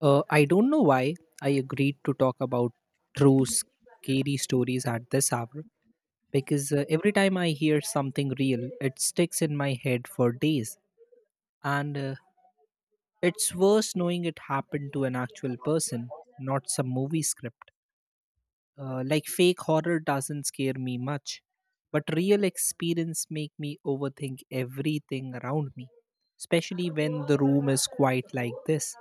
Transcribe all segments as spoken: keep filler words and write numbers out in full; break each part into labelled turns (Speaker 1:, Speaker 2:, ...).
Speaker 1: Uh, I don't know why I agreed to talk about true scary stories at this hour because uh, every time I hear something real, it sticks in my head for days. And uh, it's worse knowing it happened to an actual person, not some movie script. Uh, like fake horror doesn't scare me much, but real experience make me overthink everything around me, especially when the room is quiet like this.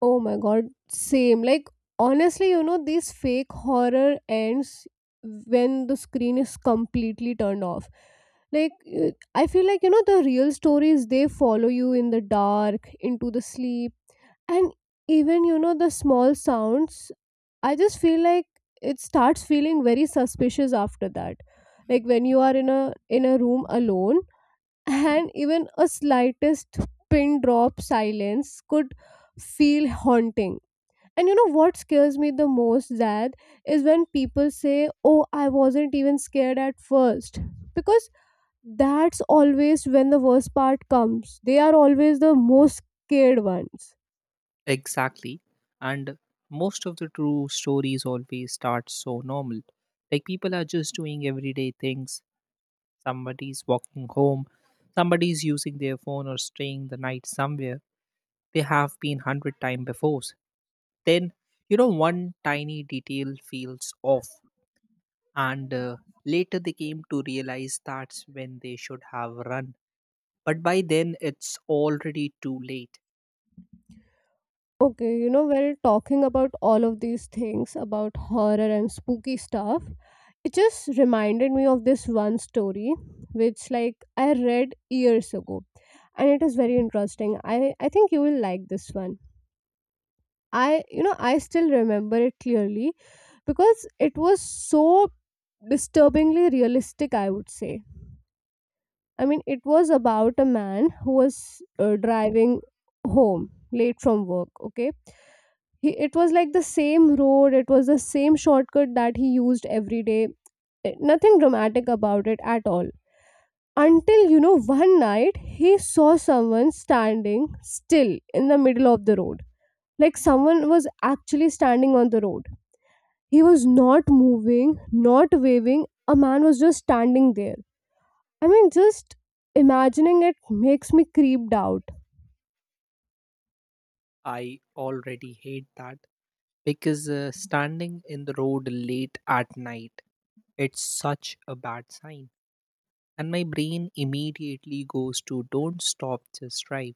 Speaker 2: Oh my god, same. Like, honestly, you know, these fake horror ends when the screen is completely turned off. Like, uh, I feel like, you know, the real stories, they follow you in the dark, into the sleep, and even, you know, the small sounds. I just feel like it starts feeling very suspicious after that. Like when you are in a in a room alone, and even a slightest pin drop silence could feel haunting. And you know what scares me the most, Zad, is when people say, "Oh, I wasn't even scared at first," because that's always when the worst part comes. They are always the most scared ones.
Speaker 1: Exactly. And most of the true stories always start so normal. Like people are just doing everyday things. Somebody's walking home, somebody's using their phone or staying the night somewhere. They have been hundred times before. Then, you know, one tiny detail feels off. And uh, later they came to realize that's when they should have run. But by then, it's already too late.
Speaker 2: Okay, you know, while talking about all of these things, about horror and spooky stuff, it just reminded me of this one story, which like I read years ago. And it is very interesting. I, I think you will like this one. I, you know, I still remember it clearly because it was so disturbingly realistic, I would say. I mean, it was about a man who was uh, driving home late from work, okay? He, it was like the same road, it was the same shortcut that he used every day. Eh, nothing dramatic about it at all. Until, you know, one night he saw someone standing still in the middle of the road, like someone was actually standing on the road. He was not moving, not waving. A man was just standing there. I mean, just imagining it makes me creeped out.
Speaker 1: I already hate that because uh, standing in the road late at night, it's such a bad sign, and my brain immediately goes to don't stop, just drive.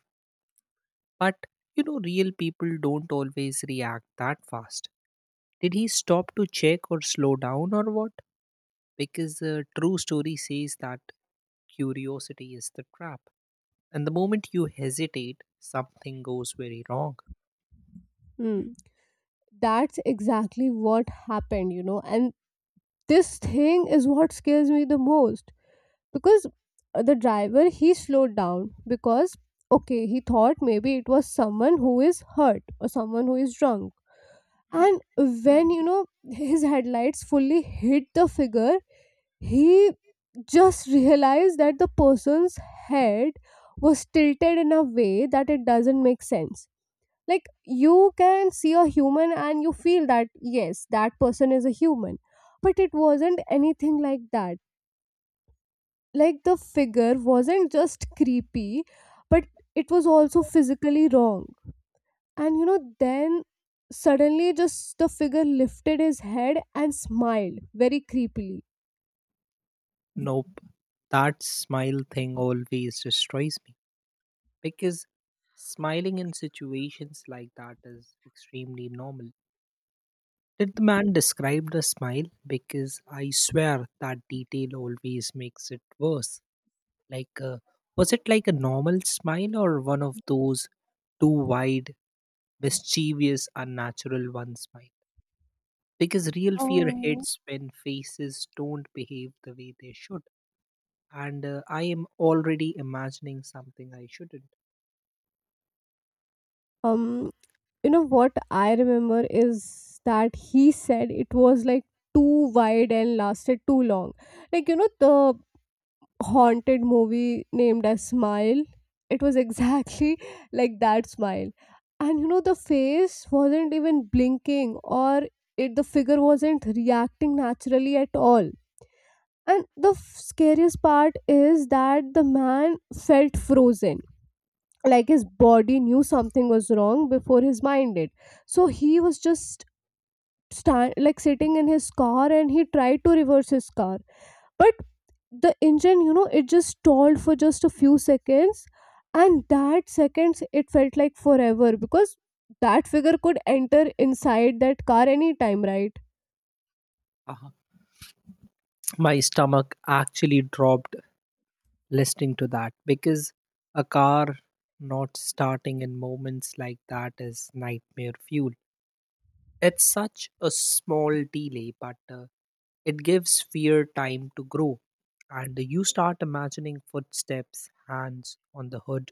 Speaker 1: But you know, real people don't always react that fast. Did he stop to check or slow down or what? Because the true story says that curiosity is the trap, and the moment you hesitate something goes very wrong.
Speaker 2: Hmm. That's exactly what happened, you know. And this thing is what scares me the most because uh, the driver, he slowed down because, okay, he thought maybe it was someone who is hurt or someone who is drunk. And when, you know, his headlights fully hit the figure, he just realized that the person's head was tilted in a way that it doesn't make sense. Like, you can see a human and you feel that yes, that person is a human, but it wasn't anything like that. Like, the figure wasn't just creepy, but it was also physically wrong. And you know, then suddenly just the figure lifted his head and smiled very creepily.
Speaker 1: Nope. That smile thing always destroys me, because smiling in situations like that is extremely normal. Did the man describe the smile? Because I swear that detail always makes it worse. Like, uh, was it like a normal smile or one of those too wide, mischievous, unnatural one smile? Because real fear
Speaker 2: Oh.
Speaker 1: hits when faces don't behave the way they should. And uh, I am already imagining something I shouldn't.
Speaker 2: Um, you know what I remember is that he said it was like too wide and lasted too long. Like, you know, the haunted movie named as Smile. It was exactly like that smile. And you know, the face wasn't even blinking, or it the figure wasn't reacting naturally at all. And the f- scariest part is that the man felt frozen. Like, his body knew something was wrong before his mind did. So he was just stand like sitting in his car, and he tried to reverse his car, but the engine, you know, it just stalled for just a few seconds, and that seconds, it felt like forever because that figure could enter inside that car anytime, right?
Speaker 1: uh My stomach actually dropped listening to that because a car not starting in moments like that is nightmare fuel. It's such a small delay, but uh, it gives fear time to grow. And you start imagining footsteps, hands on the hood,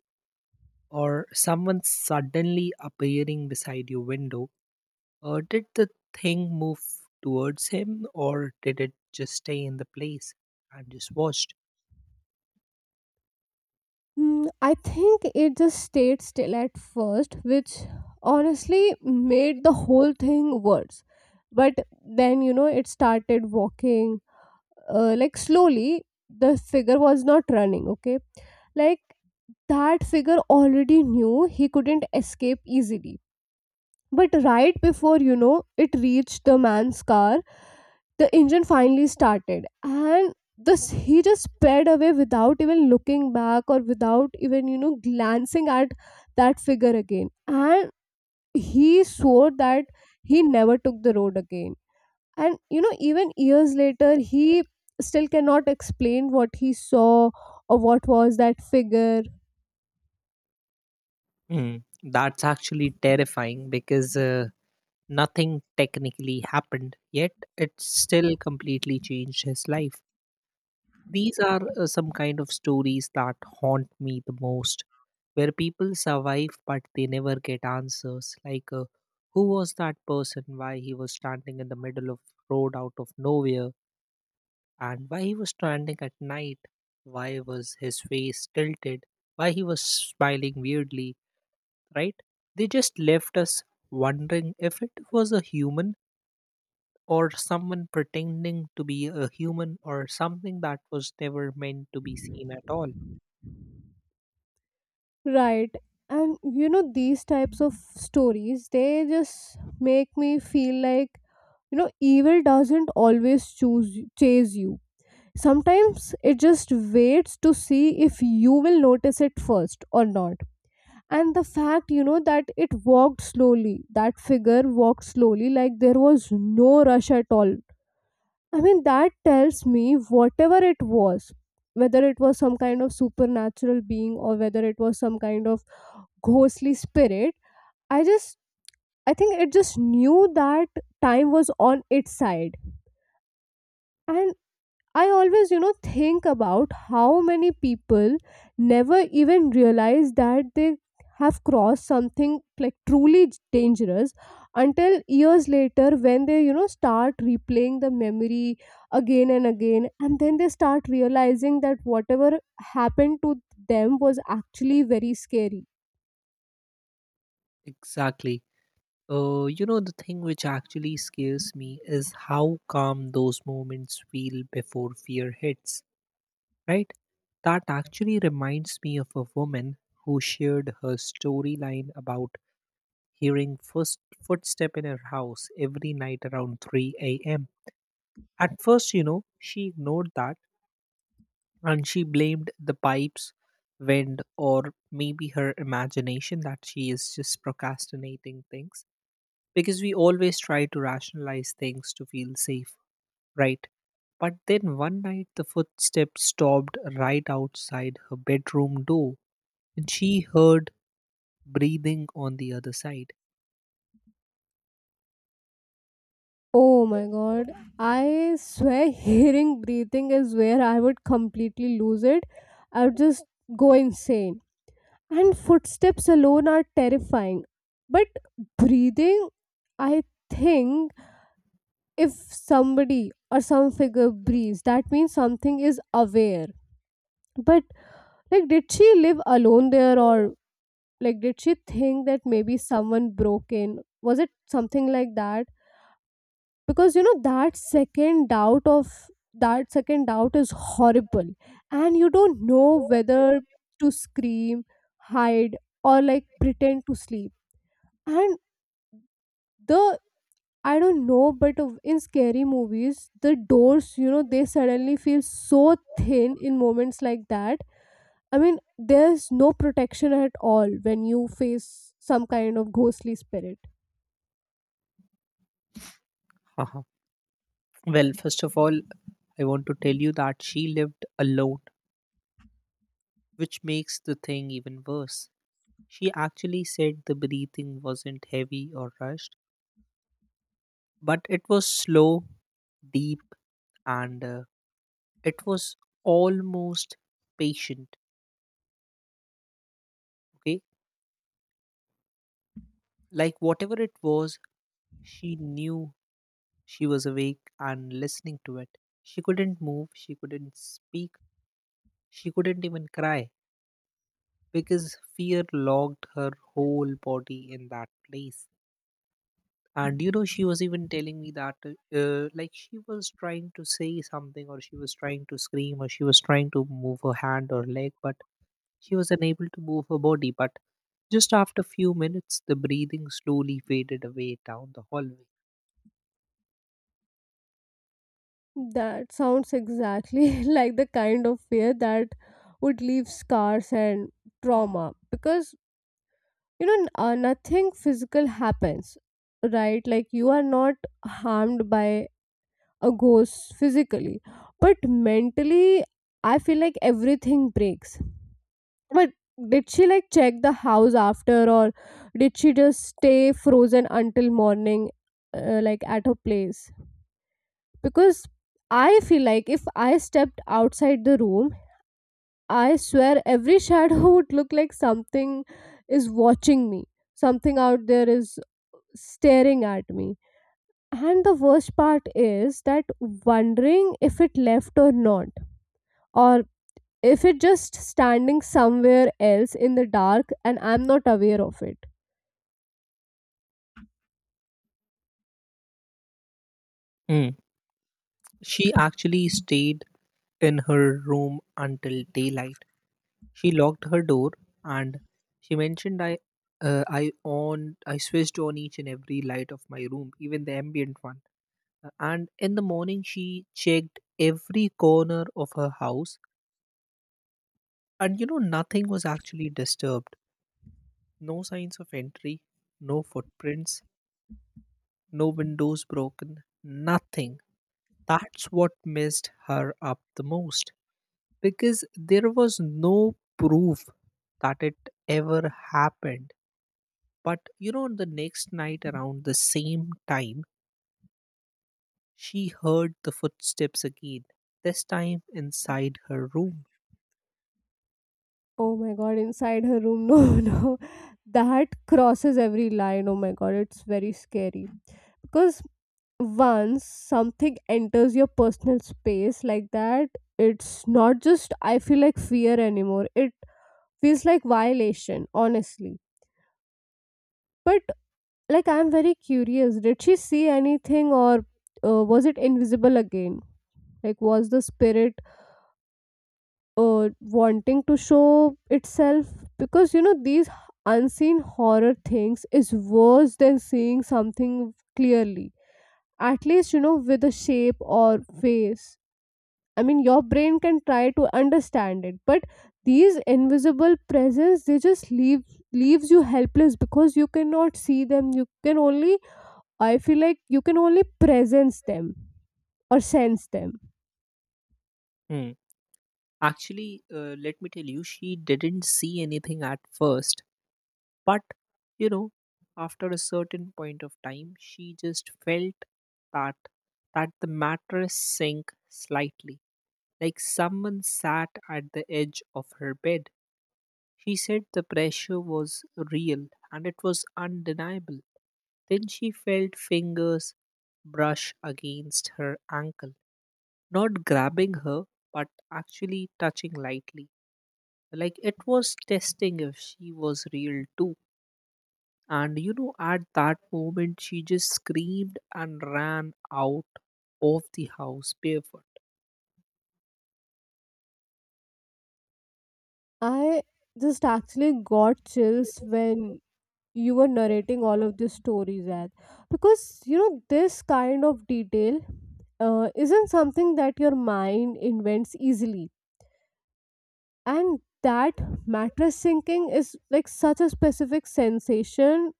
Speaker 1: or someone suddenly appearing beside your window. Uh, did the thing move towards him, or did it just stay in the place and just watched?
Speaker 2: Hmm, I think it just stayed still at first, which honestly made the whole thing worse. But then, you know, it started walking, uh, like slowly. The figure was not running, okay? Like, that figure already knew he couldn't escape easily. But right before, you know, it reached the man's car, the engine finally started, and this he just sped away without even looking back, or without even, you know, glancing at that figure again. And he swore that he never took the road again. And you know, even years later, he still cannot explain what he saw or what was that figure.
Speaker 1: Mm, that's actually terrifying because uh, nothing technically happened, yet it still completely changed his life. These are uh, some kind of stories that haunt me the most, where people survive but they never get answers. Like, uh, who was that person? Why he was standing in the middle of road out of nowhere, and why he was standing at night? Why was his face tilted? Why he was smiling weirdly? Right? They just left us wondering if it was a human or someone pretending to be a human or something that was never meant to be seen at all.
Speaker 2: Right. And you know, these types of stories, they just make me feel like, you know, evil doesn't always choose chase you. Sometimes it just waits to see if you will notice it first or not. And the fact, you know, that it walked slowly, that figure walked slowly, like there was no rush at all. I mean, that tells me whatever it was, whether it was some kind of supernatural being or whether it was some kind of ghostly spirit, I just, I think it just knew that time was on its side. And I always, you know, think about how many people never even realize that they have crossed something like truly j- dangerous, until years later when they, you know, start replaying the memory again and again, and then they start realizing that whatever happened to them was actually very scary.
Speaker 1: Exactly. Uh, you know, the thing which actually scares me is how calm those moments feel before fear hits, right? That actually reminds me of a woman who shared her storyline about hearing first footstep in her house every night around three a m. At first, you know, she ignored that and she blamed the pipes, wind, or maybe her imagination that she is just procrastinating things. Because we always try to rationalize things to feel safe, right? But then one night the footsteps stopped right outside her bedroom door and she heard breathing on the other side.
Speaker 2: Oh my god, I swear hearing breathing is where I would completely lose it. I would just go insane. And footsteps alone are terrifying. But breathing, I think if somebody or some figure breathes, that means something is aware. But like, did she live alone there? Or like, did she think that maybe someone broke in? Was it something like that? Because you know, that second doubt of, that second doubt is horrible, and you don't know whether to scream, hide, or like pretend to sleep. And the I don't know, but of- in scary movies, the doors, you know, they suddenly feel so thin in moments like that. I mean, there's no protection at all when you face some kind of ghostly spirit.
Speaker 1: Haha. Well, first of all, I want to tell you that she lived alone, which makes the thing even worse. She actually said the breathing wasn't heavy or rushed, but it was slow, deep, and uh, it was almost patient. Okay, like whatever it was, she knew she was awake and listening to it. She couldn't move, she couldn't speak, she couldn't even cry because fear locked her whole body in that place. And you know, she was even telling me that uh, uh, like she was trying to say something or she was trying to scream or she was trying to move her hand or leg, but she was unable to move her body. But just after few minutes the breathing slowly faded away down the hallway.
Speaker 2: That sounds exactly like the kind of fear that would leave scars and trauma, because you know n- uh, nothing physical happens, right? Like, you are not harmed by a ghost physically, but mentally, I feel like everything breaks. But did she like check the house after, or did she just stay frozen until morning, uh, like at her place? Because I feel like if I stepped outside the room, I swear every shadow would look like something is watching me, something out there is staring at me. And the worst part is that wondering if it left or not, or if it just standing somewhere else in the dark and I'm not aware of it.
Speaker 1: Mm. She actually stayed in her room until daylight. She locked her door, and she mentioned, i uh, i on, I switched on each and every light of my room, even the ambient one. And in the morning, she checked every corner of her house, and you know, nothing was actually disturbed. No signs of entry, no footprints, no windows broken, nothing. That's what messed her up the most because there was no proof that it ever happened. But you know, the next night around the same time, she heard the footsteps again, this time inside her room.
Speaker 2: Oh my god, inside her room, no, no, that crosses every line. Oh my god, it's very scary. Because once something enters your personal space like that, it's not just, I feel like, fear anymore. It feels like violation, honestly. But like, I'm very curious, did she see anything, or uh, was it invisible again? Like, was the spirit uh, wanting to show itself? Because, you know, these h- unseen horror things is worse than seeing something clearly. At least you know, with a shape or face, I mean, your brain can try to understand it. But these invisible presence, they just leave leaves you helpless because you cannot see them. You can only, I feel like, you can only presence them or sense them.
Speaker 1: Hmm. Actually, uh, let me tell you, she didn't see anything at first, but you know, after a certain point of time, she just felt that that the mattress sank slightly, like someone sat at the edge of her bed. She said the pressure was real and it was undeniable. Then she felt fingers brush against her ankle, not grabbing her, but actually touching lightly, like it was testing if she was real too. And you know, at that moment she just screamed and ran out of the house barefoot.
Speaker 2: I just actually got chills when you were narrating all of these stories, at because you know, this kind of detail uh, isn't something that your mind invents easily. And that mattress sinking is like such a specific sensation,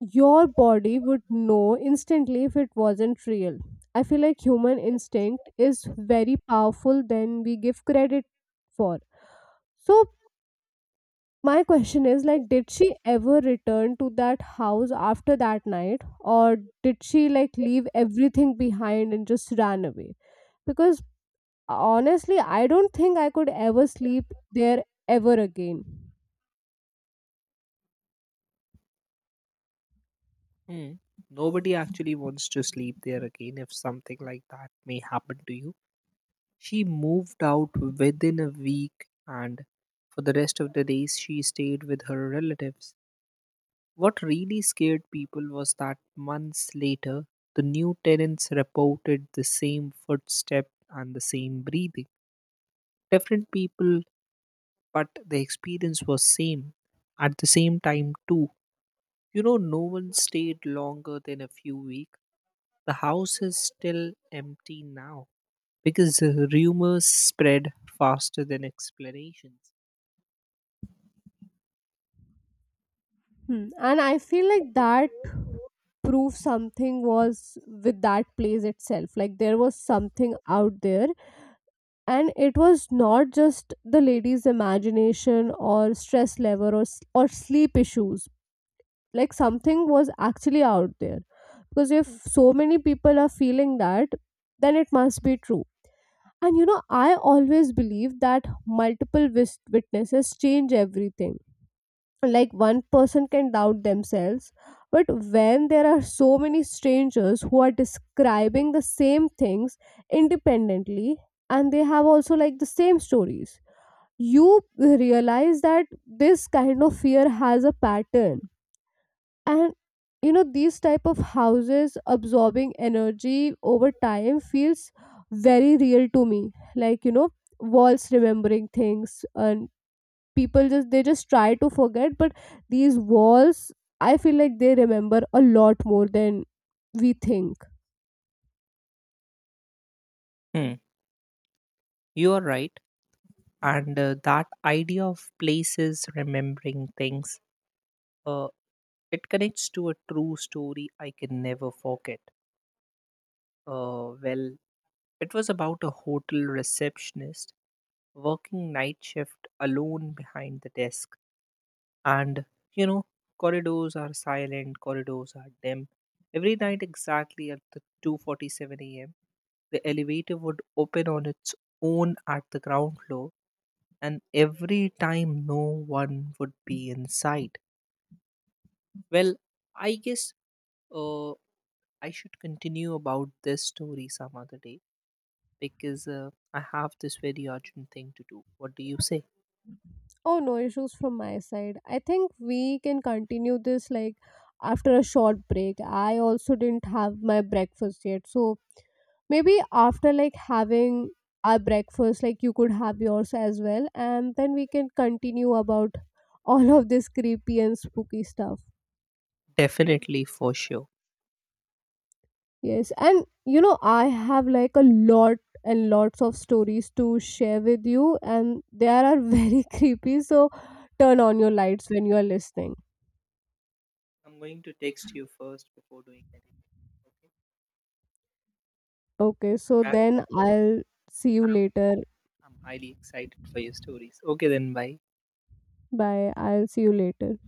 Speaker 2: your body would know instantly if it wasn't real. I feel like human instinct is very powerful than we give credit for. So my question is like, did she ever return to that house after that night, or did she like leave everything behind and just ran away? Because honestly, I don't think I could ever sleep there ever again.
Speaker 1: Hmm. Nobody actually wants to sleep there again if something like that may happen to you. She moved out within a week, and for the rest of the days she stayed with her relatives. What really scared people was that months later, the new tenants reported the same footstep and the same breathing. Different people, but the experience was same. At the same time, too, you know, no one stayed longer than a few weeks. The house is still empty now because the rumors spread faster than explanations.
Speaker 2: Hmm. And I feel like that proof something was with that place itself. Like there was something out there, and it was not just the lady's imagination or stress level or s- or sleep issues. Like something was actually out there. Because if so many people are feeling that, then it must be true. And you know, I always believe that multiple wis- witnesses change everything. Like one person can doubt themselves, but when there are so many strangers who are describing the same things independently, and they have also like the same stories, you realize that this kind of fear has a pattern. And you know, these type of houses absorbing energy over time feels very real to me. Like, you know, walls remembering things, and people just, they just try to forget, but these walls, I feel like they remember a lot more than we think.
Speaker 1: Hmm, you are right, and uh, that idea of places remembering things. Uh, It connects to a true story I can never forget. Uh, well, it was about a hotel receptionist working night shift alone behind the desk. And, you know, corridors are silent, corridors are dim. Every night exactly at the two forty-seven a m, the elevator would open on its own at the ground floor, and every time no one would be inside. Well, I guess uh, I should continue about this story some other day because uh, I have this very urgent thing to do. What do you say?
Speaker 2: Oh, no issues from my side. I think we can continue this like after a short break. I also didn't have my breakfast yet, so maybe after like having our breakfast, like you could have yours as well, and then we can continue about all of this creepy and spooky stuff.
Speaker 1: Definitely, for sure.
Speaker 2: Yes, and you know, I have like a lot and lots of stories to share with you, and they are very creepy. So turn on your lights when you are listening.
Speaker 1: I'm going to text you first before doing anything. Okay.
Speaker 2: Okay, so
Speaker 1: I'm,
Speaker 2: then I'll see you later.
Speaker 1: I'm highly excited for your stories. Okay, then, bye.
Speaker 2: Bye. I'll see you later.